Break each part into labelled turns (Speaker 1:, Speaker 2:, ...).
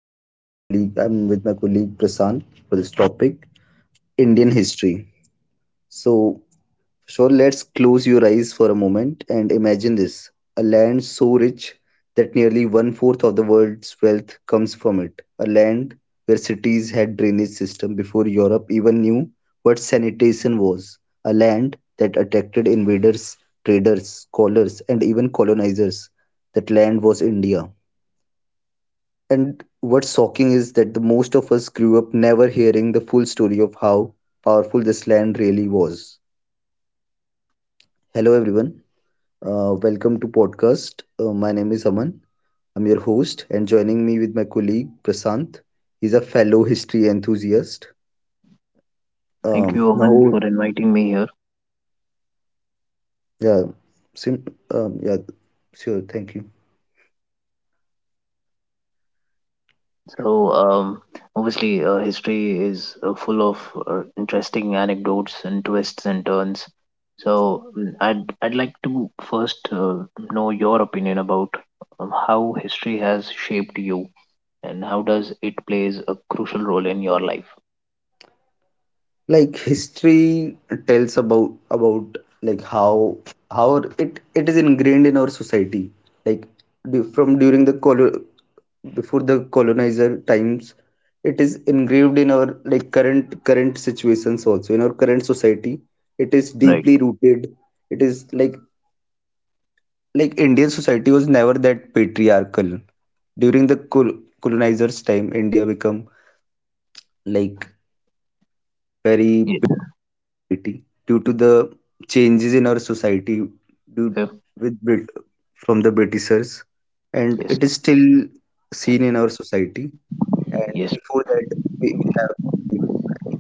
Speaker 1: my colleague I'm with my colleague Prasant for this topic, Indian history. So So let's close your eyes for a moment and imagine this, a land so rich that nearly one fourth of the world's wealth comes from it. A land where cities had drainage system before Europe even knew what sanitation was. A land that attracted invaders, traders, scholars, and even colonizers. That land was India. And what's shocking is that the most of us grew up never hearing the full story of how powerful this land really was. Hello everyone. Welcome to podcast. My name is Aman. I'm your host, and joining me with my colleague Prasant. He's a fellow history enthusiast.
Speaker 2: Thank you, Aman,
Speaker 1: Now,
Speaker 2: for inviting me here.
Speaker 1: yeah, sim- yeah, sure. Thank you.
Speaker 2: So, um, Obviously, history is full of interesting anecdotes and twists and turns. I'd like to first know your opinion about how history has shaped you and how does it plays a crucial role in your life.
Speaker 1: Like, history tells about like how it is ingrained in our society. Like, from during the before the colonizer times, it is engraved in our, like, current situations, also in our current society. It is
Speaker 2: Right.
Speaker 1: deeply rooted. It is like, indian society was never that patriarchal. During the colonizers time, india become, like, very
Speaker 2: Yes.
Speaker 1: petty due to the changes in our society, due
Speaker 2: Okay.
Speaker 1: with Brit- from the britishers, and
Speaker 2: Yes.
Speaker 1: it is still seen in our society. And
Speaker 2: Yes.
Speaker 1: before that, we have, like, very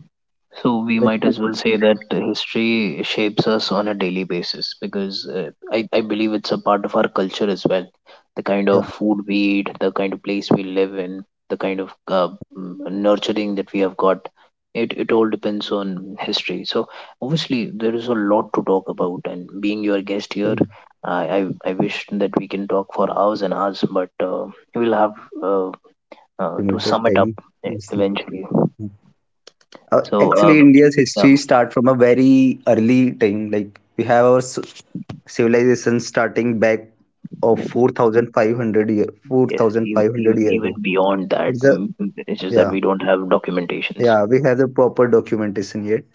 Speaker 2: So we
Speaker 1: very
Speaker 2: might as well
Speaker 1: open
Speaker 2: say that
Speaker 1: society.
Speaker 2: history shapes us on a daily basis because
Speaker 1: Yeah.
Speaker 2: I believe it's a part of our culture as well. The kind of
Speaker 1: Yeah.
Speaker 2: food we eat, the kind of place we live in, the kind of
Speaker 1: Yeah,
Speaker 2: nurturing that we have got, it all depends on history. So obviously there is a lot to talk about, and being your guest here,
Speaker 1: yeah.
Speaker 2: I wish that we can talk for hours and hours, but we'll have uh, to
Speaker 1: Limited
Speaker 2: sum it up
Speaker 1: time. Let's see.
Speaker 2: eventually. So,
Speaker 1: Actually, india's
Speaker 2: yeah.
Speaker 1: history start from a very early time, like we have our civilization starting back of 4500 year
Speaker 2: Yes,
Speaker 1: 4500 year ago.
Speaker 2: even beyond that,
Speaker 1: It's a
Speaker 2: it's just that
Speaker 1: Yeah.
Speaker 2: we don't have documentations.
Speaker 1: Yeah, we have the proper documentation, yet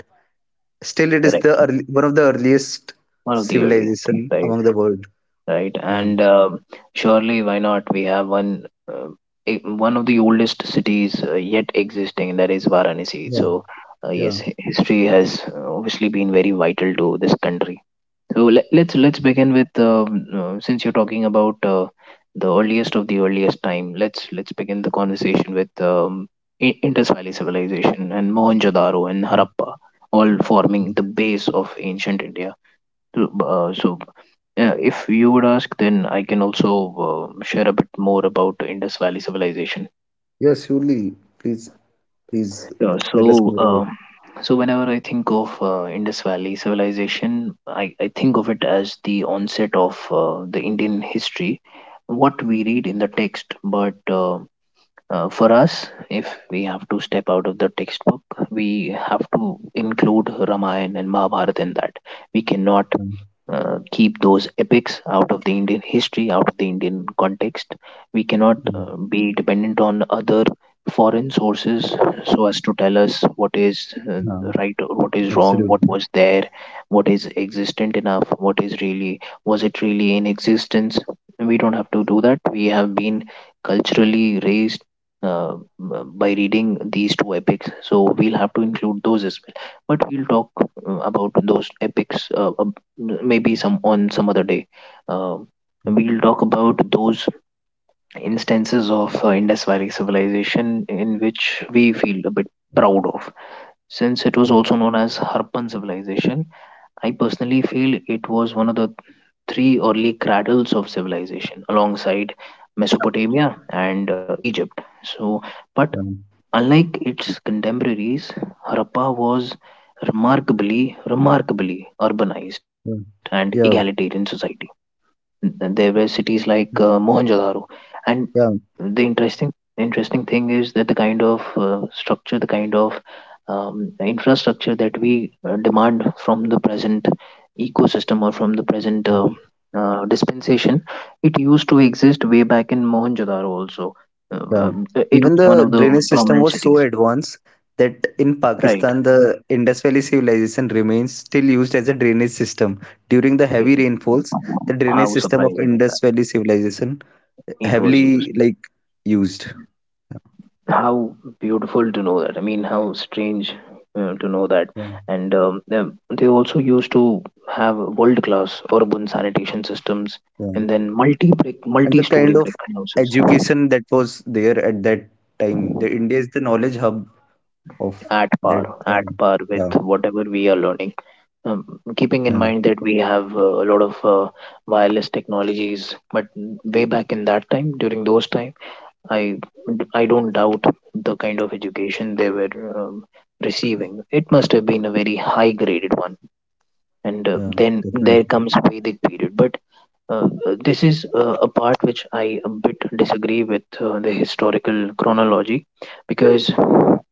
Speaker 1: still it is the
Speaker 2: Correct.
Speaker 1: early, one of the earliest
Speaker 2: One of the earliest,
Speaker 1: civilization
Speaker 2: right?
Speaker 1: among the world.
Speaker 2: Right.
Speaker 1: Yeah.
Speaker 2: And surely, why not? We have uh, one of the oldest cities yet existing, that is Varanasi.
Speaker 1: Yeah.
Speaker 2: So,
Speaker 1: Yeah.
Speaker 2: yes, history has obviously been very vital to this country. So let's
Speaker 1: Mm.
Speaker 2: begin with since you're talking about the earliest of the earliest time. Let's begin the conversation with Indus Valley civilization and Mohenjo-daro and
Speaker 1: Mm.
Speaker 2: Harappa, all forming
Speaker 1: Mm.
Speaker 2: the base of ancient India. So, uh, so if you would ask, then I can also share a bit more about Indus Valley civilization.
Speaker 1: Yes, surely. Please, please
Speaker 2: Yeah,
Speaker 1: tell us
Speaker 2: so,
Speaker 1: more about it.
Speaker 2: whenever I think of Indus Valley civilization, I think of it as the onset of the Indian history, what we read in the text. But for us, if we have to step out of the textbook, we have to include Ramayana and Mahabharata in that. We cannot
Speaker 1: Um,
Speaker 2: keep those epics out of the Indian history, out of the Indian context. We cannot
Speaker 1: mm,
Speaker 2: be dependent on other foreign sources, so as to tell us what is
Speaker 1: yeah,
Speaker 2: right or what is wrong, what
Speaker 1: absolutely.
Speaker 2: was there, what is existent enough, what is really, was it really in existence. We don't have to do that. We have been culturally raised uh, by reading these two epics, so we'll have to include those as well. But we'll talk about those epics, maybe some on some other day. Um we'll talk about those instances of Indus Valley civilization in which we feel a bit proud of. Since it was
Speaker 1: Um,
Speaker 2: also known as Harappan civilization, I personally feel it was one of the three early cradles of civilization alongside Mesopotamia and Egypt. So, but
Speaker 1: yeah,
Speaker 2: unlike its contemporaries, Harappa was remarkably, remarkably urbanized and egalitarian
Speaker 1: yeah,
Speaker 2: society. There were cities like Mohenjo-daro, and
Speaker 1: yeah,
Speaker 2: the interesting thing is that the kind of structure, the kind of infrastructure that we demand from the present ecosystem or from the present
Speaker 1: yeah,
Speaker 2: dispensation, it used to exist way back in Mohenjo-daro also. Uh,
Speaker 1: yeah.
Speaker 2: um, it was
Speaker 1: Even
Speaker 2: one
Speaker 1: the
Speaker 2: of the
Speaker 1: drainage system
Speaker 2: prominent
Speaker 1: was so
Speaker 2: cities,
Speaker 1: advanced that in
Speaker 2: right?
Speaker 1: Pakistan, the Indus Valley civilization remains still used as a drainage system. During the
Speaker 2: It-
Speaker 1: heavy rainfalls, the drainage
Speaker 2: how
Speaker 1: system of
Speaker 2: surprising is
Speaker 1: Indus
Speaker 2: that?
Speaker 1: Valley civilization
Speaker 2: It was used.
Speaker 1: heavily, like, used.
Speaker 2: How beautiful to know that. I mean, how strange to know that.
Speaker 1: Yeah,
Speaker 2: And they also used to have world class urban sanitation systems
Speaker 1: yeah.
Speaker 2: and then multi brick,
Speaker 1: And
Speaker 2: multi
Speaker 1: the
Speaker 2: story
Speaker 1: kind of
Speaker 2: brick houses
Speaker 1: education that was there at that time. The India is the knowledge hub of that
Speaker 2: at
Speaker 1: era.
Speaker 2: par with
Speaker 1: Yeah,
Speaker 2: whatever we are learning. Um, Keeping in
Speaker 1: yeah,
Speaker 2: mind that we have a lot of wireless technologies, but way back in that time, during those time, I I don't doubt the kind of education they were um, receiving. It must have been a very high graded one. And
Speaker 1: yeah,
Speaker 2: then there
Speaker 1: definitely.
Speaker 2: comes Vedic period. But this is a part which I a bit disagree with, the historical chronology, because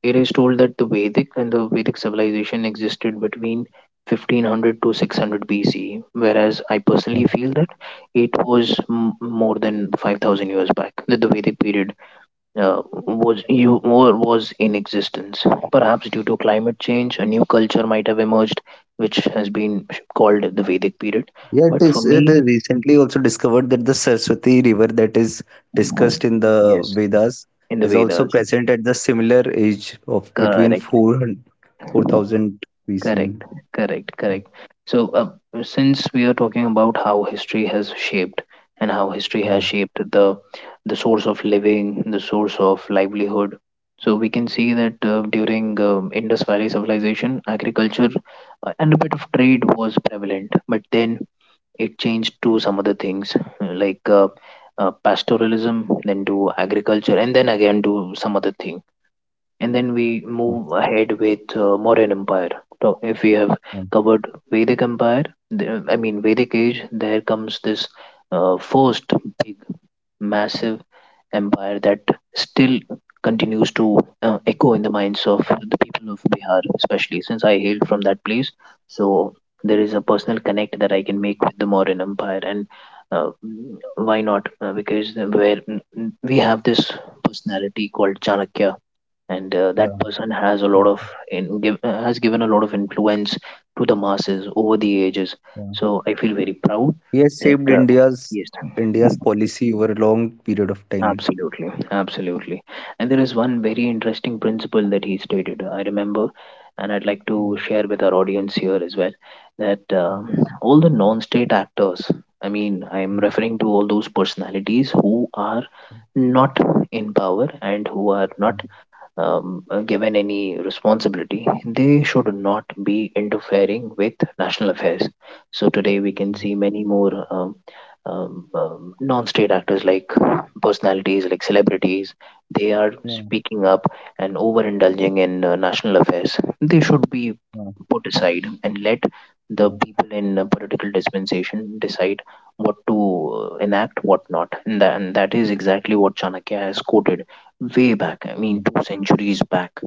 Speaker 2: it is told that the Vedic civilization existed between 1500 to 600 BC, whereas I
Speaker 1: Yeah.
Speaker 2: personally feel that it was more than 5,000 years back that the Vedic period was you or was in existence. Perhaps due to climate change, a new culture might have emerged, which has been called the Vedic period.
Speaker 1: Yeah, it
Speaker 2: But for
Speaker 1: is. It
Speaker 2: me,
Speaker 1: is recently also discovered that the Saraswati River that is discussed in the
Speaker 2: yes,
Speaker 1: Vedas
Speaker 2: in the
Speaker 1: is also
Speaker 2: Vedas,
Speaker 1: present at the similar age of between
Speaker 2: correct.
Speaker 1: 400 4000 BC.
Speaker 2: Correct, correct,
Speaker 1: Yeah,
Speaker 2: correct. So, since we are talking about how history has shaped and how history
Speaker 1: yeah,
Speaker 2: has shaped the source of living, the source of livelihood, so we can see that during Indus Valley civilization, agriculture and a bit of trade was prevalent, but then it changed to some other things, like pastoralism, then to agriculture, and then again to some other thing, and then we
Speaker 1: yeah,
Speaker 2: move ahead with Mauryan Empire. So if we have covered Vedic Empire, I mean Vedic Age, there comes this first big, massive empire that still continues to echo in the minds of the people of Bihar, especially since I hail from that place. So there is a personal connect that I can make with the Mauryan Empire, and uh, why not? Because where we have this personality called Chanakya, and
Speaker 1: yeah,
Speaker 2: that person has a
Speaker 1: yeah,
Speaker 2: lot of, has given a lot of influence to the masses over the ages.
Speaker 1: yeah.
Speaker 2: So I feel very proud
Speaker 1: He has shaped
Speaker 2: that,
Speaker 1: India's
Speaker 2: yes,
Speaker 1: India's policy over a long period of time.
Speaker 2: absolutely, absolutely. And there is one very interesting principle that he stated, I remember, and I'd like to share with our audience here as well, that
Speaker 1: Yeah,
Speaker 2: all the non-state actors, I mean, I'm
Speaker 1: yeah,
Speaker 2: referring to all those personalities who are
Speaker 1: yeah,
Speaker 2: not in power and who are
Speaker 1: yeah,
Speaker 2: not given any responsibility, they should not be interfering with national affairs. So today we can see many more non-state actors like personalities, like celebrities. They are
Speaker 1: yeah,
Speaker 2: speaking up and overindulging in national affairs. They should be
Speaker 1: yeah,
Speaker 2: put aside and let the people in political dispensation decide what to enact, what not. And that is exactly what Chanakya has quoted way back, I mean 2 centuries back,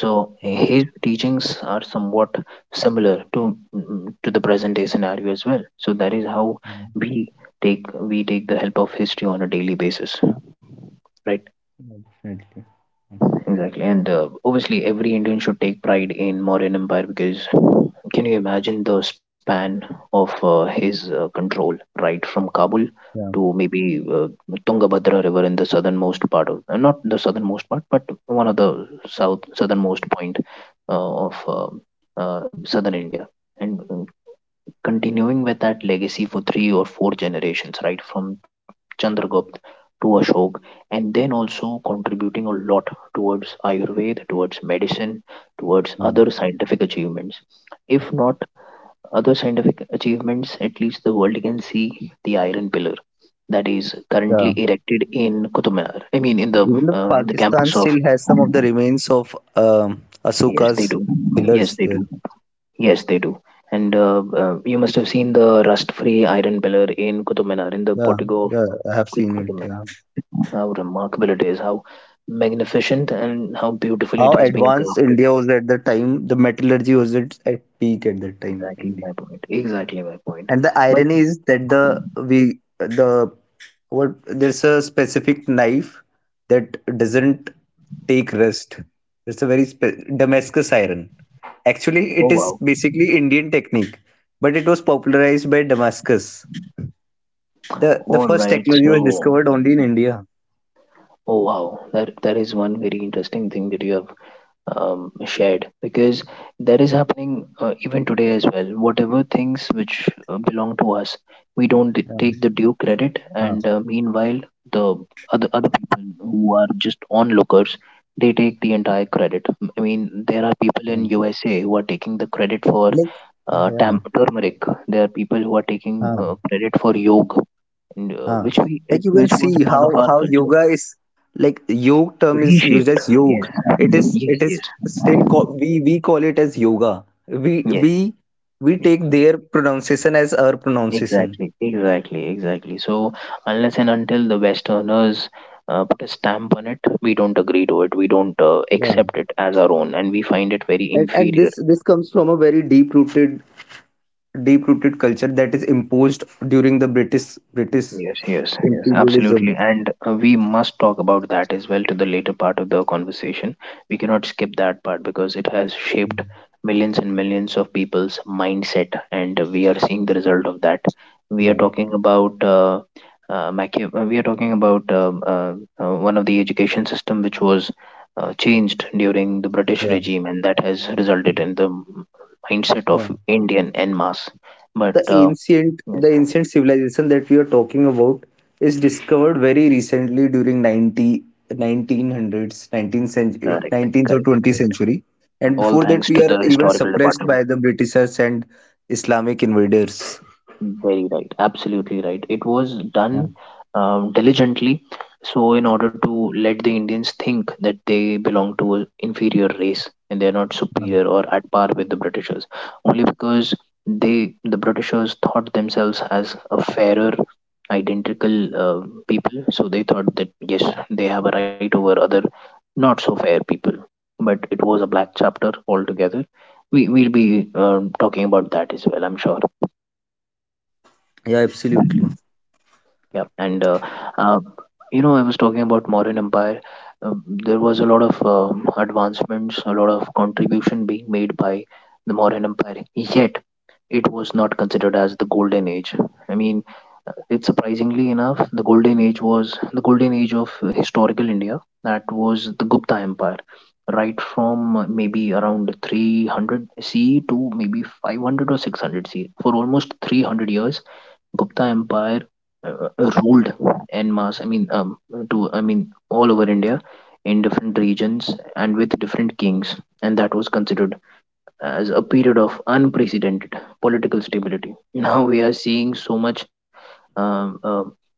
Speaker 2: so
Speaker 1: yeah,
Speaker 2: his teachings are somewhat similar to to the present day scenario as well. So that is how
Speaker 1: yeah.
Speaker 2: we we take the help of history on a daily basis, right?
Speaker 1: Definitely.
Speaker 2: Exactly. And obviously, every Indian should take pride in Mauryan Empire, because can you imagine the span of his control, right, from Kabul
Speaker 1: Yeah,
Speaker 2: to maybe Tungabhadra River in the southernmost part of, not the southernmost part, but one of the southernmost point of southern India, and continuing with that legacy for 3 or 4 generations, right, from Chandragupta to Ashok, and then also contributing a lot towards Ayurveda, towards medicine, towards
Speaker 1: yeah,
Speaker 2: other scientific achievements. If not other scientific achievements, at least the world can see the iron pillar that is currently
Speaker 1: yeah.
Speaker 2: erected in Qutub Minar. I mean, in the
Speaker 1: Even though
Speaker 2: uh, in the
Speaker 1: Pakistan
Speaker 2: campus of.
Speaker 1: still has some of the remains of
Speaker 2: Yes, they
Speaker 1: Asuka's
Speaker 2: do. Yes,
Speaker 1: pillars
Speaker 2: they
Speaker 1: there.
Speaker 2: do. Yes, they do. And you must have seen the rust-free iron pillar in Qutub Minar, in the
Speaker 1: Yeah,
Speaker 2: portico of
Speaker 1: yeah, I have seen
Speaker 2: Qutub
Speaker 1: it. Yeah.
Speaker 2: Minar. How remarkable it is, how magnificent and how beautifully
Speaker 1: How
Speaker 2: it has been
Speaker 1: advanced
Speaker 2: crafted.
Speaker 1: India was at the time, the metallurgy was at peak at that time.
Speaker 2: Exactly
Speaker 1: India.
Speaker 2: my point. Exactly my point.
Speaker 1: And the
Speaker 2: But
Speaker 1: irony is that the we the what there's a specific knife that doesn't take rest. It's a very Damascus iron. Actually,
Speaker 2: oh,
Speaker 1: it is
Speaker 2: wow.
Speaker 1: basically Indian technique, but it was popularized by Damascus. The
Speaker 2: All
Speaker 1: first
Speaker 2: right.
Speaker 1: technology was
Speaker 2: So,
Speaker 1: discovered only in India.
Speaker 2: oh, wow. That is one very interesting thing that you have shared, because that is happening even today as well. Whatever things which belong to us, we don't
Speaker 1: Yeah.
Speaker 2: take the due credit,
Speaker 1: हाँ,
Speaker 2: and meanwhile, the other people who are just onlookers, they take the entire credit. I mean, there are people in
Speaker 1: yeah.
Speaker 2: USA who are taking the credit for
Speaker 1: Like, yeah.
Speaker 2: turmeric. There are people who are taking
Speaker 1: हाँ.
Speaker 2: credit for yoga,
Speaker 1: Huh.
Speaker 2: which
Speaker 1: Like, you can
Speaker 2: which was
Speaker 1: see
Speaker 2: part
Speaker 1: how
Speaker 2: of our
Speaker 1: how
Speaker 2: culture,
Speaker 1: yoga is, like, yog term is used
Speaker 2: reshaped.
Speaker 1: as yog.
Speaker 2: Yes,
Speaker 1: It is
Speaker 2: yes,
Speaker 1: it is
Speaker 2: yes.
Speaker 1: still call, we call it as yoga. We
Speaker 2: Yes.
Speaker 1: take their pronunciation as our pronunciation.
Speaker 2: Exactly, exactly, exactly. So, unless and until the Westerners put a stamp on it, we don't agree to it. We don't
Speaker 1: Yeah.
Speaker 2: accept it as our own, and we find it very
Speaker 1: And
Speaker 2: inferior.
Speaker 1: this comes from a very deep rooted culture that is imposed during the British
Speaker 2: Yes, yes, yes,
Speaker 1: imperialism.
Speaker 2: absolutely. And we must talk about that as well, to the later part of the conversation. We cannot skip that part because it has shaped millions and millions of people's mindset, and we are seeing the result of that. We
Speaker 1: Yeah.
Speaker 2: are talking about uh, we are talking about one of the education system which was changed during the British
Speaker 1: Yeah.
Speaker 2: regime, and that has resulted in the mindset
Speaker 1: Yeah.
Speaker 2: of Indian en masse. But
Speaker 1: the ancient
Speaker 2: yes,
Speaker 1: the ancient civilization that we are talking about is discovered very recently during 19th century,
Speaker 2: correct,
Speaker 1: 19th or
Speaker 2: correct,
Speaker 1: 20th
Speaker 2: correct.
Speaker 1: century. And
Speaker 2: All
Speaker 1: before that
Speaker 2: thanks
Speaker 1: we
Speaker 2: to
Speaker 1: are
Speaker 2: the
Speaker 1: even
Speaker 2: historical
Speaker 1: suppressed
Speaker 2: department.
Speaker 1: by the britishers and islamic invaders.
Speaker 2: Very right, absolutely right. It was
Speaker 1: Yeah.
Speaker 2: done diligently, so in order to let the Indians think that they belong to an inferior race and they are not
Speaker 1: Yeah,
Speaker 2: superior or at par with the Britishers, only because the Britishers thought themselves as a fairer, identical people, so they thought that yes, they have a right over other not so fair people. But it was a black chapter altogether. We will be talking about that as well, I'm sure.
Speaker 1: yeah, absolutely,
Speaker 2: Yeah. Uh, I was talking about Mauryan empire. There was a lot of advancements, a lot of contribution being made by the Mauryan empire. Yet, it was not considered as the golden age. I mean, it's surprisingly enough, the golden age was the golden age of historical India. That was the Gupta Empire, right from maybe around 300 CE to maybe 500 or 600 CE. For almost 300 years, Gupta Empire ruled en masse. All over India, in different regions and with different kings, and that was considered as a period of unprecedented political stability. Now we are seeing so much um, uh,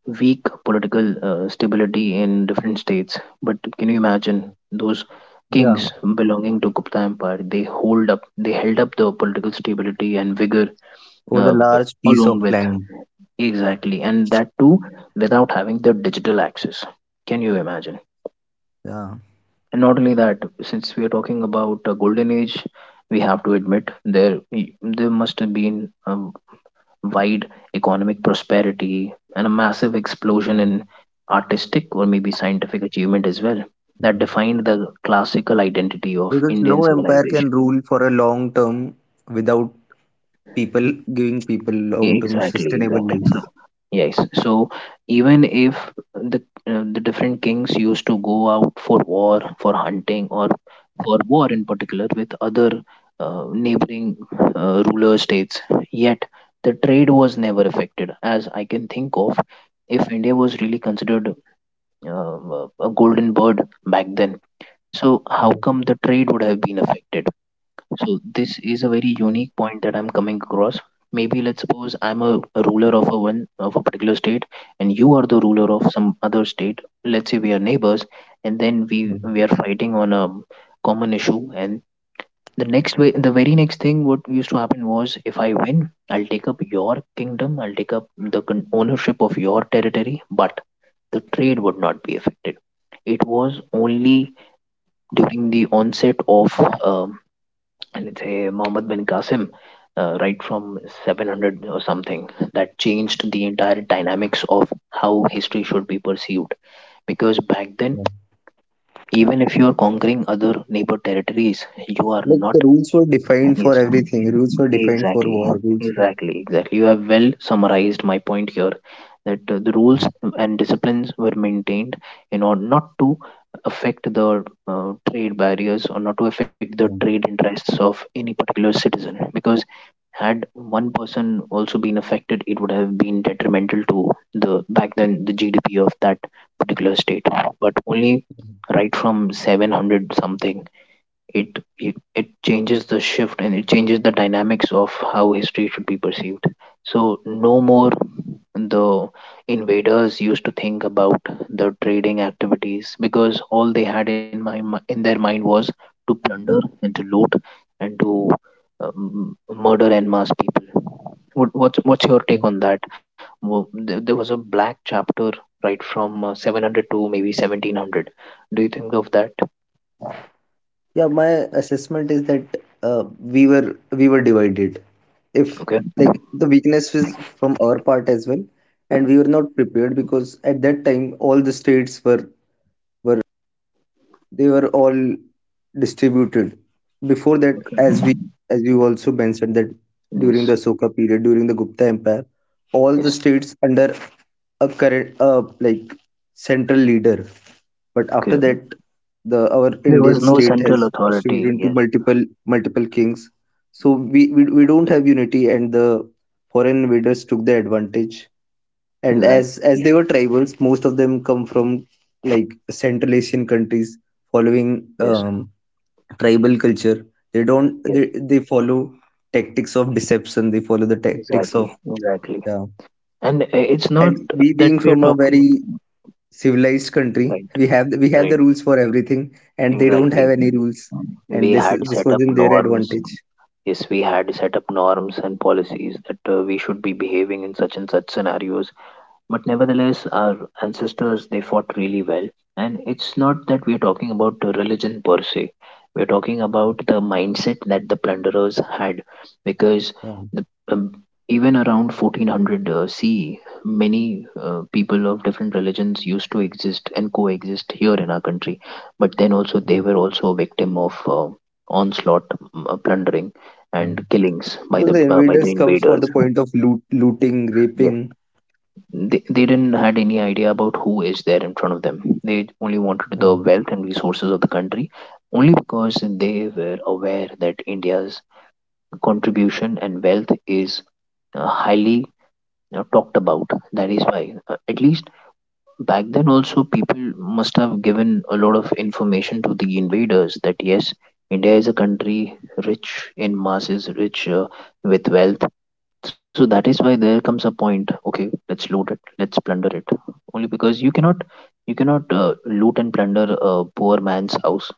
Speaker 2: weak political stability in different states. But can you imagine those
Speaker 1: yeah,
Speaker 2: kings belonging to Gupta Empire? They hold up, they held up the political stability and vigor,
Speaker 1: over the
Speaker 2: uh,
Speaker 1: large piece
Speaker 2: along
Speaker 1: of
Speaker 2: with,
Speaker 1: land.
Speaker 2: exactly, and that too without having the digital access. Can you imagine?
Speaker 1: Yeah,
Speaker 2: And not only that, since we are talking about a golden age, we have to admit there must have been a wide economic prosperity and a massive
Speaker 1: yeah,
Speaker 2: explosion in artistic or maybe scientific achievement as well that
Speaker 1: yeah.
Speaker 2: defined the classical identity of
Speaker 1: Because no
Speaker 2: indian
Speaker 1: empire can
Speaker 2: civilization.
Speaker 1: rule for a long term without people giving people long term
Speaker 2: Exactly,
Speaker 1: sustainable
Speaker 2: exactly.
Speaker 1: life.
Speaker 2: So, yes. So, even if the the different kings used to go out for war, for hunting, or for war in particular with other neighboring ruler states, yet the trade was never affected. As I can think of, if India was really considered a golden bird back then, so how
Speaker 1: Yeah,
Speaker 2: come the trade would have been affected? So this is a very
Speaker 1: yeah,
Speaker 2: unique point that I'm coming across. Maybe let's suppose I'm a ruler of a one of a particular state, and you are the ruler of some other state. Let's say we are neighbors, and then we
Speaker 1: yeah.
Speaker 2: we are fighting on a common issue. And the next way, the very next thing, what used to happen was, if I win, I'll take up your kingdom, I'll take up the ownership of your territory, but the trade would not be affected. It was only during the onset of um and it's a Muhammad bin Qasim, right from 700 or something, that changed the entire dynamics of how history should be perceived. Because back then,
Speaker 1: Yeah.
Speaker 2: even if you are conquering other neighbor territories, you are
Speaker 1: Like, the
Speaker 2: not.
Speaker 1: rules were defined for
Speaker 2: Yes,
Speaker 1: everything. Rules were defined for
Speaker 2: exactly,
Speaker 1: war.
Speaker 2: exactly. You have well summarized my point here that the rules
Speaker 1: Yeah,
Speaker 2: and disciplines were maintained in order not to affect the trade barriers or not to affect the
Speaker 1: yeah,
Speaker 2: trade interests of any particular citizen because had one person also been affected, it would have been detrimental to the back then the GDP of that particular state. But only
Speaker 1: yeah,
Speaker 2: right from 700 something it changes the shift and it changes the dynamics of how history should be perceived, so no more the invaders used to think about the trading activities because all they had in in their mind was to plunder and to loot and to um, murder and mass people. What's your
Speaker 1: yeah.
Speaker 2: take on that? There was a black chapter right from 700 to maybe 1700. Do you think of that?
Speaker 1: Yeah, my assessment is that we were divided. If,
Speaker 2: Okay.
Speaker 1: like, the weakness was from our part as well, and we were not prepared because at that time all the states were they were all distributed. Before that,
Speaker 2: Okay.
Speaker 1: as you also mentioned that during
Speaker 2: Yes.
Speaker 1: the Soka period, during the Gupta Empire, all the
Speaker 2: Yes.
Speaker 1: states under a current, like, central leader. But after
Speaker 2: Okay.
Speaker 1: that, the our
Speaker 2: There
Speaker 1: Indian
Speaker 2: was no
Speaker 1: state
Speaker 2: central
Speaker 1: has
Speaker 2: authority.
Speaker 1: distributed into
Speaker 2: Yes.
Speaker 1: multiple kings. So we don't have unity, and the foreign invaders took the advantage. And
Speaker 2: Exactly.
Speaker 1: as they were tribals, most of them come from like Central Asian countries following
Speaker 2: Yes.
Speaker 1: tribal culture. They don't
Speaker 2: Yes.
Speaker 1: they follow tactics of deception. They follow the tactics
Speaker 2: Exactly.
Speaker 1: of,
Speaker 2: Exactly.
Speaker 1: yeah.
Speaker 2: And it's not
Speaker 1: And we
Speaker 2: that
Speaker 1: being
Speaker 2: we are
Speaker 1: from a
Speaker 2: talking.
Speaker 1: very civilized country,
Speaker 2: Right.
Speaker 1: we have the
Speaker 2: Right.
Speaker 1: rules for everything, and they don't have
Speaker 2: Exactly.
Speaker 1: any rules.
Speaker 2: We
Speaker 1: And
Speaker 2: had
Speaker 1: this
Speaker 2: set
Speaker 1: was
Speaker 2: up
Speaker 1: in their
Speaker 2: norms.
Speaker 1: advantage.
Speaker 2: Yes, we had set up norms and policies that we should be behaving in such and such scenarios. But nevertheless, our ancestors, they fought really well, and it's not that we're talking about the religion per se. We're talking about the mindset that the plunderers had, because
Speaker 1: Yeah,
Speaker 2: the, um, even around 1400 ce, many people of different religions used to exist and coexist here in our country, but then also they were also a victim of onslaught, plundering
Speaker 1: yeah.
Speaker 2: and killings
Speaker 1: Because the
Speaker 2: by the
Speaker 1: invaders come for the
Speaker 2: invaders. Yes,
Speaker 1: point of loot, looting, raping.
Speaker 2: they didn't had any idea about who is there in front of them. They only wanted
Speaker 1: Yeah.
Speaker 2: the wealth and resources of the country, only because they were aware that india's contribution and wealth is highly talked about. That is why, at least back then also, people must have given a lot of information to the invaders that yes, india is a country rich in masses, rich with wealth. So that is why there comes a point. Okay, let's loot it. Let's plunder it. Only because you cannot, loot and plunder a poor man's house.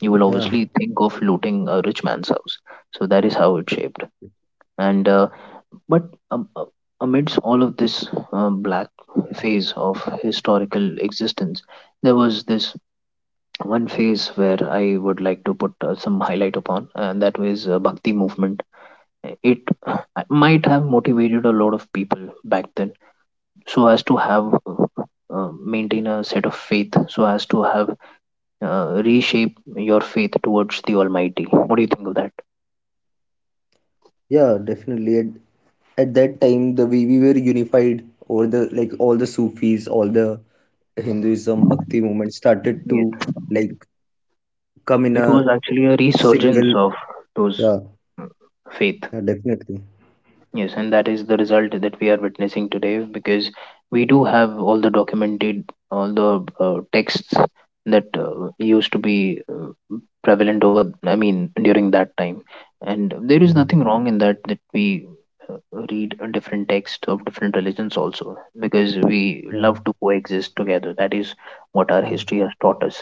Speaker 2: You will
Speaker 1: Yeah.
Speaker 2: obviously think of looting a rich man's house. So that is how it shaped. And but um, uh, amidst all of this black phase of historical existence, there was this one phase where I would like to put some highlight upon, and that was Bhakti movement. It might have motivated a lot of people back then so as to have maintain a set of faith, so as to have reshape your faith towards the almighty. What do you think of that?
Speaker 1: Yeah, definitely. At that time, we were unified. All the, like, all the Sufis, all the Hinduism bhakti movement started
Speaker 2: Yes,
Speaker 1: to, like, come in
Speaker 2: it was
Speaker 1: a
Speaker 2: actually a resurgence
Speaker 1: single.
Speaker 2: of those
Speaker 1: Yeah,
Speaker 2: faith.
Speaker 1: yeah, definitely.
Speaker 2: Yes, and that is the result that we are witnessing today because we do have all the documented, all the texts that used to be prevalent over, I mean, during that time. And there is
Speaker 1: Yeah,
Speaker 2: nothing wrong in that, that we uh, read a different text of different religions also because we
Speaker 1: yeah,
Speaker 2: love to coexist together. That is what our
Speaker 1: yeah.
Speaker 2: history has taught us.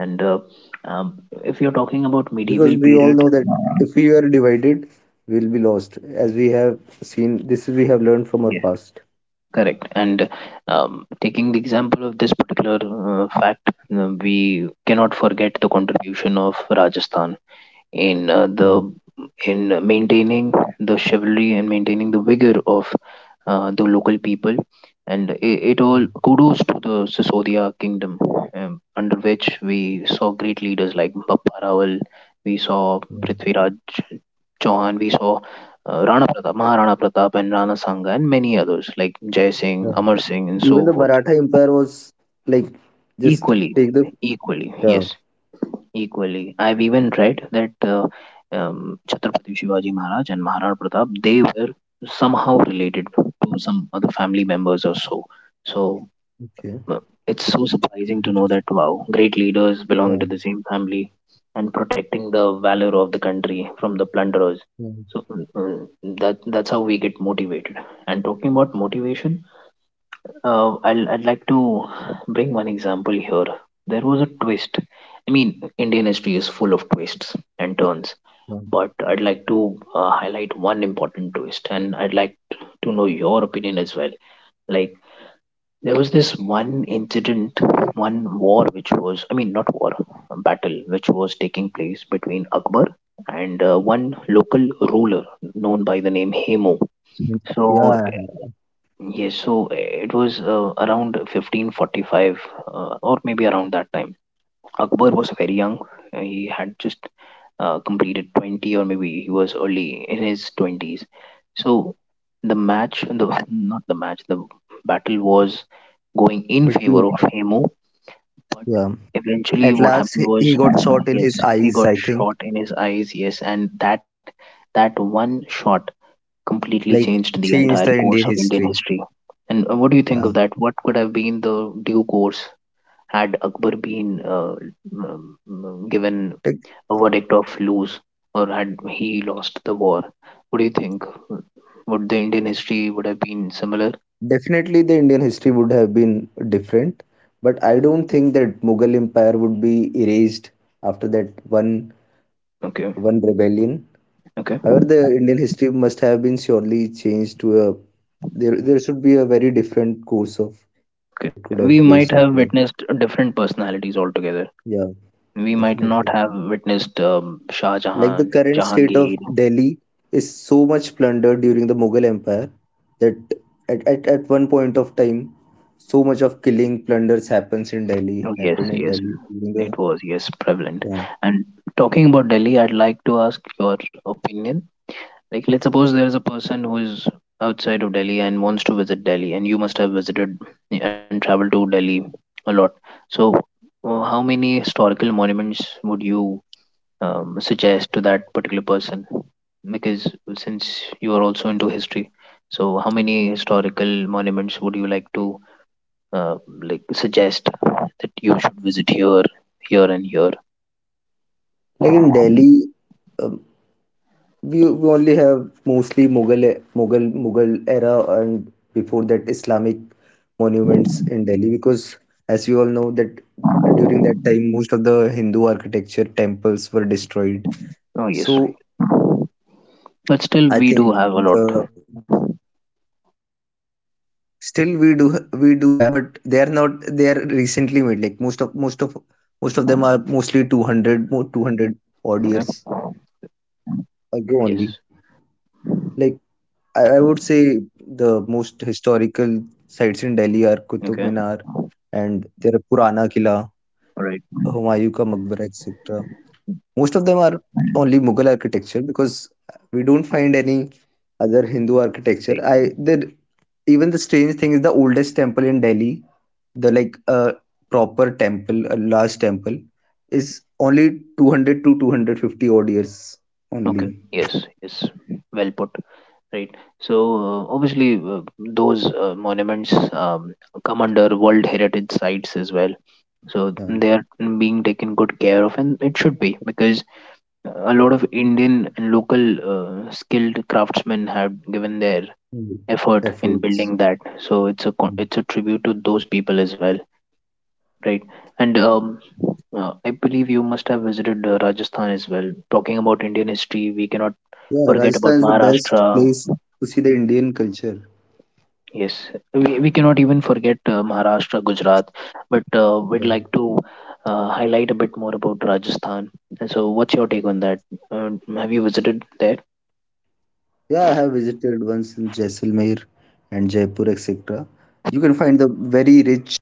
Speaker 2: And if you're talking about
Speaker 1: Because
Speaker 2: medieval
Speaker 1: we all
Speaker 2: period,
Speaker 1: know that if we are divided, we'll be lost. As we have seen, this we have learned from our past.
Speaker 2: correct. And taking the example of this particular fact, we cannot forget the contribution of Rajasthan in
Speaker 1: Yeah,
Speaker 2: the in maintaining the chivalry and maintaining the vigor of the local people, and it
Speaker 1: yeah,
Speaker 2: all kudos to the Sisodia kingdom, under which we saw great leaders like Bappa Rawal, we saw
Speaker 1: yeah,
Speaker 2: Prithviraj Chauhan, we saw Rana Pratap, Maharana Pratap and Rana Sangha and many others like Jai Singh,
Speaker 1: yeah.
Speaker 2: Amar Singh and
Speaker 1: Even
Speaker 2: so
Speaker 1: the
Speaker 2: forth.
Speaker 1: Maratha Empire was, like, just
Speaker 2: Equally,
Speaker 1: take the.
Speaker 2: equally,
Speaker 1: Yeah.
Speaker 2: yes. Equally, I've even read that Chhatrapati Shivaji Maharaj and Maharana Pratap, they were somehow related to some other family members or so. So
Speaker 1: Okay.
Speaker 2: uh, it's so surprising to know that
Speaker 1: Interesting.
Speaker 2: wow, great leaders belonging
Speaker 1: Yeah,
Speaker 2: to the same family and protecting the valor of the country from the plunderers.
Speaker 1: yeah.
Speaker 2: So mm, mm, that's how we get motivated. And talking about motivation, I'd like to bring one example here. There was a twist. I mean, Indian history is full of twists and turns,
Speaker 1: Yeah,
Speaker 2: but I'd like to highlight one important twist, and I'd like to know your opinion as well. Like, there was this one incident, one war which was, I mean, not war, a battle which was taking place between Akbar and one local ruler known by the name Hemo. So
Speaker 1: yeah,
Speaker 2: yes, so it was around 1545 or maybe around that time. Akbar was very young. He had just completed 20, or maybe he was early in his 20s. So the match, the not the match, the battle was going in favor
Speaker 1: between,
Speaker 2: of Hemo, but
Speaker 1: yeah.
Speaker 2: eventually
Speaker 1: At
Speaker 2: what
Speaker 1: last,
Speaker 2: happened
Speaker 1: he
Speaker 2: was
Speaker 1: he got shot in
Speaker 2: yes,
Speaker 1: his
Speaker 2: he
Speaker 1: eyes.
Speaker 2: got
Speaker 1: I think,
Speaker 2: shot in his eyes, yes, and that that one shot completely
Speaker 1: like,
Speaker 2: changed the entire
Speaker 1: changed the
Speaker 2: course
Speaker 1: Indian
Speaker 2: of Indian
Speaker 1: history.
Speaker 2: history. And what do you think
Speaker 1: Yeah,
Speaker 2: of that? What could have been the due course had Akbar been given
Speaker 1: like,
Speaker 2: a verdict of lose, or had he lost the war? What do you think? Would the Indian history would have been similar?
Speaker 1: definitely the Indian history would have been different, but I don't think that Mughal Empire would be erased after that one
Speaker 2: Okay,
Speaker 1: one rebellion.
Speaker 2: okay,
Speaker 1: However, the Indian history must have been surely changed to a, there. There should be a very different course of it
Speaker 2: okay.
Speaker 1: could
Speaker 2: We
Speaker 1: have
Speaker 2: might
Speaker 1: placed
Speaker 2: have
Speaker 1: after that.
Speaker 2: witnessed different personalities altogether.
Speaker 1: Yeah,
Speaker 2: We might
Speaker 1: definitely.
Speaker 2: not have witnessed Shah
Speaker 1: Like, the
Speaker 2: Jahan,
Speaker 1: current state of
Speaker 2: Jahangir.
Speaker 1: Delhi is so much plundered during the Mughal Empire that at one point of time, so much of killing plunders happens in Delhi,
Speaker 2: Oh, yes,
Speaker 1: happened in
Speaker 2: yes,
Speaker 1: Delhi during the,
Speaker 2: it was, yes, prevalent.
Speaker 1: yeah.
Speaker 2: And talking about Delhi, I'd like to ask your opinion. Like, let's suppose there's a person who is outside of Delhi and wants to visit Delhi, and you must have visited and traveled to Delhi a lot. So, how many historical monuments would you suggest to that particular person? Because since you are also into history, so how many historical monuments would you like to uh, suggest that you should visit here, here, and here.
Speaker 1: Like, in Delhi, um, we only have mostly Mughal era and before that Islamic monuments in Delhi, because as we all know that during that time most of the Hindu architecture temples were destroyed.
Speaker 2: Oh yes,
Speaker 1: So
Speaker 2: but still we
Speaker 1: I
Speaker 2: do have
Speaker 1: think
Speaker 2: a lot.
Speaker 1: the still, we do have, but they are not. They are recently made. Like, most of them are mostly 200 more 200 odd years
Speaker 2: Okay.
Speaker 1: ago only.
Speaker 2: Yes.
Speaker 1: Like, I would say the most historical sites in Delhi are Qutub
Speaker 2: Okay.
Speaker 1: Minar, and there are Purana Killa,
Speaker 2: All right.
Speaker 1: Humayun ka Maqbara, etc. Most of them are only Mughal architecture because we don't find any other Hindu architecture.
Speaker 2: Right.
Speaker 1: I there Even the strange thing is the oldest temple in Delhi, the like a proper temple, a large temple, is only 200 to 250 odd years
Speaker 2: Okay.
Speaker 1: only.
Speaker 2: Yes. Yes. Well put. Right. So obviously those monuments come under World Heritage Sites as well. So
Speaker 1: Yeah.
Speaker 2: they are being taken good care of, and it should be because a lot of Indian and local skilled craftsmen have given their
Speaker 1: Mm.
Speaker 2: effort in
Speaker 1: Efforts.
Speaker 2: building that, so it's a
Speaker 1: Mm.
Speaker 2: it's a tribute to those people as well, right. And I believe you must have visited Rajasthan as well. Talking about Indian history, we cannot
Speaker 1: Yeah,
Speaker 2: forget about
Speaker 1: Rajasthan is the
Speaker 2: Maharashtra.
Speaker 1: best place to see the Indian culture.
Speaker 2: Yes, we cannot even forget Maharashtra, Gujarat, but we'd
Speaker 1: Yeah.
Speaker 2: like to highlight a bit more about Rajasthan. And so what's your take on that? uh, have you visited there?
Speaker 1: Yeah, I have visited once in Jaisalmer and Jaipur, etc. You can find the very rich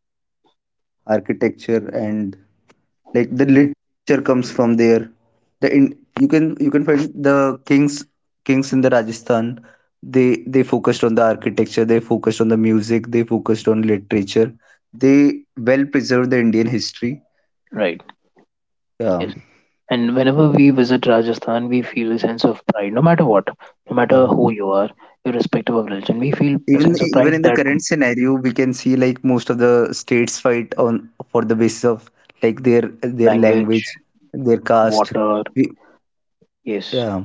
Speaker 1: architecture, and, like, the literature comes from there, the in, you can find the kings in the rajasthan. They they focused on the architecture, they focused on the music, they focused on literature, they well preserved the indian history.
Speaker 2: Right,
Speaker 1: Yeah.
Speaker 2: yes. And whenever we visit Rajasthan, we feel a sense of pride, no matter what, no
Speaker 1: Yeah.
Speaker 2: matter who you are, irrespective of religion. We feel a
Speaker 1: even
Speaker 2: sense of
Speaker 1: even
Speaker 2: pride
Speaker 1: in the
Speaker 2: that
Speaker 1: current scenario we can see, like, most of the states fight on for the basis of, like, their
Speaker 2: language,
Speaker 1: language, their caste,
Speaker 2: water,
Speaker 1: we,
Speaker 2: yes,
Speaker 1: yeah.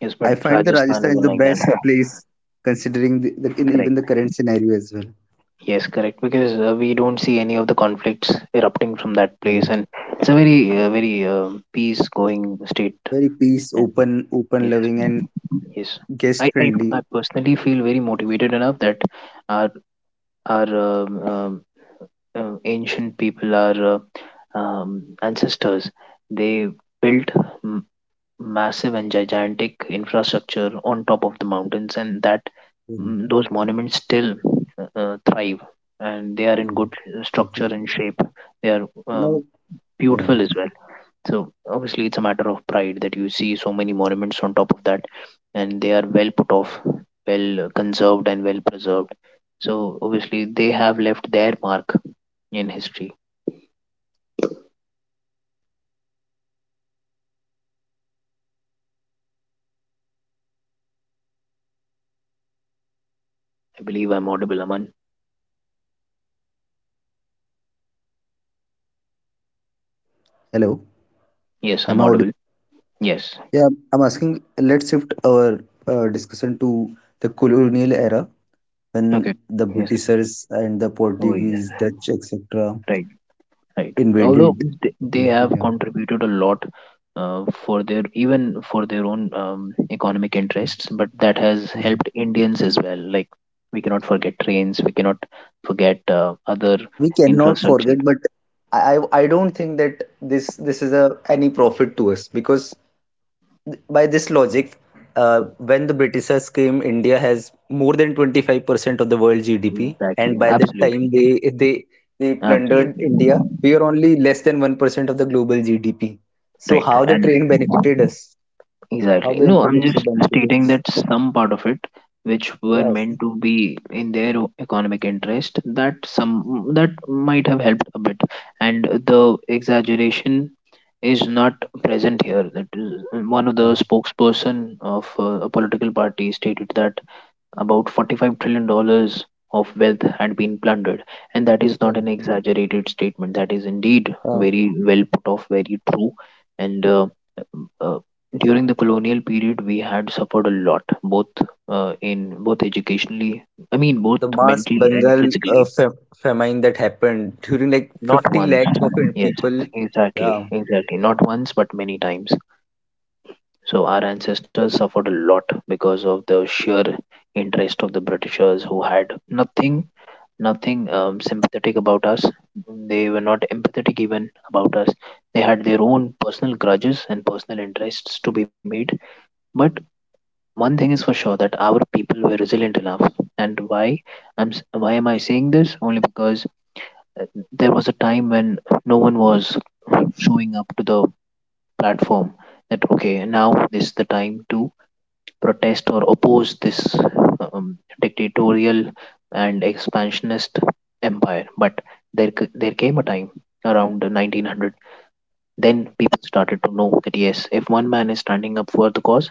Speaker 2: yes, but
Speaker 1: I find that
Speaker 2: Rajasthan
Speaker 1: Rajasthan is
Speaker 2: isn't
Speaker 1: the
Speaker 2: like that.
Speaker 1: best place considering the in even
Speaker 2: Correct.
Speaker 1: the current scenario as well.
Speaker 2: Yes, correct. Because we don't see any of the conflicts erupting from that
Speaker 1: Yeah.
Speaker 2: place, and it's a very, very peace-going state.
Speaker 1: Very peace,
Speaker 2: And
Speaker 1: open, open,
Speaker 2: yes,
Speaker 1: loving, and
Speaker 2: yes. I,
Speaker 1: guest
Speaker 2: I, I
Speaker 1: friendly.
Speaker 2: personally feel very motivated enough that our our ancient people, our ancestors, they built m- massive and gigantic infrastructure on top of the mountains, and that
Speaker 1: Yeah.
Speaker 2: those monuments still thrive, and they are in
Speaker 1: Yeah.
Speaker 2: good structure
Speaker 1: Definitely.
Speaker 2: and shape. They are
Speaker 1: Now, yeah.
Speaker 2: beautiful as well. So obviously, it's a matter of pride that you see so many monuments on top of that, and they are well put off, well conserved, and well preserved. So obviously, they have left their mark in history. I believe I'm audible, Aman.
Speaker 1: Hello,
Speaker 2: Yes,
Speaker 1: I'm
Speaker 2: I'm audible.
Speaker 1: audible.
Speaker 2: Yes.
Speaker 1: Yeah, I'm asking. Let's shift our discussion to the colonial era
Speaker 2: Okay.
Speaker 1: when the
Speaker 2: Yes.
Speaker 1: Britishers and the
Speaker 2: Oh, yes.
Speaker 1: Portuguese, Dutch, etc.,
Speaker 2: Right. Right. Although
Speaker 1: invaded the
Speaker 2: they
Speaker 1: country.
Speaker 2: have
Speaker 1: Yeah,
Speaker 2: contributed a lot for their, even for their own economic interests, but that has helped Indians as well. Like, we cannot forget trains. We cannot forget other
Speaker 1: we cannot forget,
Speaker 2: infrastructure.
Speaker 1: but I don't think that this is a any profit to us. Because by this logic, uh, when the britishers came, india has more than 25% of the world gdp,
Speaker 2: Exactly.
Speaker 1: and by the time
Speaker 2: Absolutely.
Speaker 1: they they plundered
Speaker 2: Absolutely.
Speaker 1: india, we are only less than 1% of the global gdp. So
Speaker 2: Right.
Speaker 1: how the
Speaker 2: And
Speaker 1: train benefited us? How
Speaker 2: exactly.
Speaker 1: the
Speaker 2: No, I'm just
Speaker 1: infrastructure benefited
Speaker 2: stating
Speaker 1: us?
Speaker 2: that some part of it, which were
Speaker 1: Yes, yeah.
Speaker 2: meant to be in their economic interest, that some that might have helped a bit, and the exaggeration is not present here. That is, one of the
Speaker 1: So,
Speaker 2: spokesperson of a political party stated that about 45 dollars of wealth had been plundered, and that is
Speaker 1: yeah.
Speaker 2: not an exaggerated statement. That is indeed
Speaker 1: Uh,
Speaker 2: very well put off, very true. And uh, during the colonial period, we had suffered a lot, both in both educationally, I mean both
Speaker 1: the mass
Speaker 2: mentally and
Speaker 1: Bengal
Speaker 2: physically.
Speaker 1: fa famine that happened during, like,
Speaker 2: Not
Speaker 1: 50
Speaker 2: once,
Speaker 1: lakh of
Speaker 2: yes,
Speaker 1: people.
Speaker 2: exactly,
Speaker 1: Yeah,
Speaker 2: exactly, not once but many times. So our ancestors suffered a lot because of the sheer interest of the Britishers, who had nothing, nothing sympathetic about us. They were not empathetic even about us. They had their own personal grudges and personal interests to be made. But one thing is for sure, that our people were resilient enough. And why why am I saying this? Only because uh, there was a time when no one was showing up to the platform. That okay, now this is the time to protest or oppose this dictatorial and expansionist empire. But there came a time around the 1900, then people started to know that yes, if one man is standing up for the cause,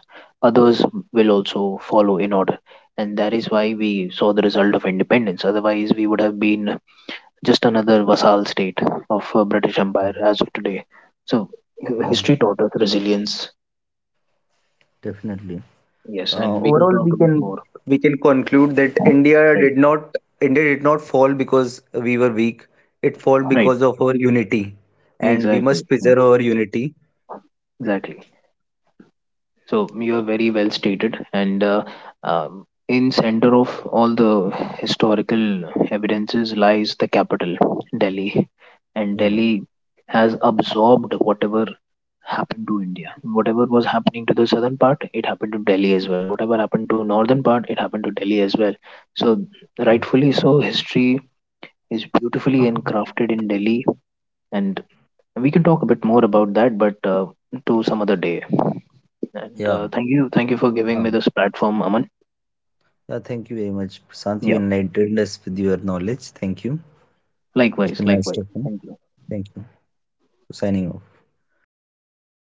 Speaker 2: others will also follow in order, and that is why we saw the result of independence. Otherwise we would have been just another vassal state of British
Speaker 1: yeah,
Speaker 2: empire as of today. So
Speaker 1: yeah,
Speaker 2: history taught us resilience.
Speaker 1: definitely.
Speaker 2: Yes, and we can
Speaker 1: Overall,
Speaker 2: talk
Speaker 1: we
Speaker 2: a bit
Speaker 1: can
Speaker 2: more.
Speaker 1: we can conclude that India
Speaker 2: Right.
Speaker 1: did not India did not fall because we were weak. It fall
Speaker 2: Right.
Speaker 1: because of our unity, and we
Speaker 2: Exactly,
Speaker 1: must preserve our unity.
Speaker 2: exactly. So you're very well stated, and in center of all the historical evidences lies the capital, Delhi, and
Speaker 1: Yeah,
Speaker 2: Delhi has absorbed whatever happened to India. Whatever was happening to the southern part, it happened to Delhi as well. Whatever happened to northern part, it happened to Delhi as well. So rightfully so, history is beautifully encrafted in Delhi, and we can talk a bit more about that, but to some other day. And
Speaker 1: yeah,
Speaker 2: thank you for giving
Speaker 1: yeah.
Speaker 2: me this platform, Aman.
Speaker 1: Yeah, thank you very much, Prashant. You
Speaker 2: Yeah,
Speaker 1: enlightened us with your knowledge. Thank you. It's
Speaker 2: likewise,
Speaker 1: been nice
Speaker 2: likewise.
Speaker 1: talking.
Speaker 2: Thank you.
Speaker 1: Thank you. Signing off.
Speaker 2: Signing off.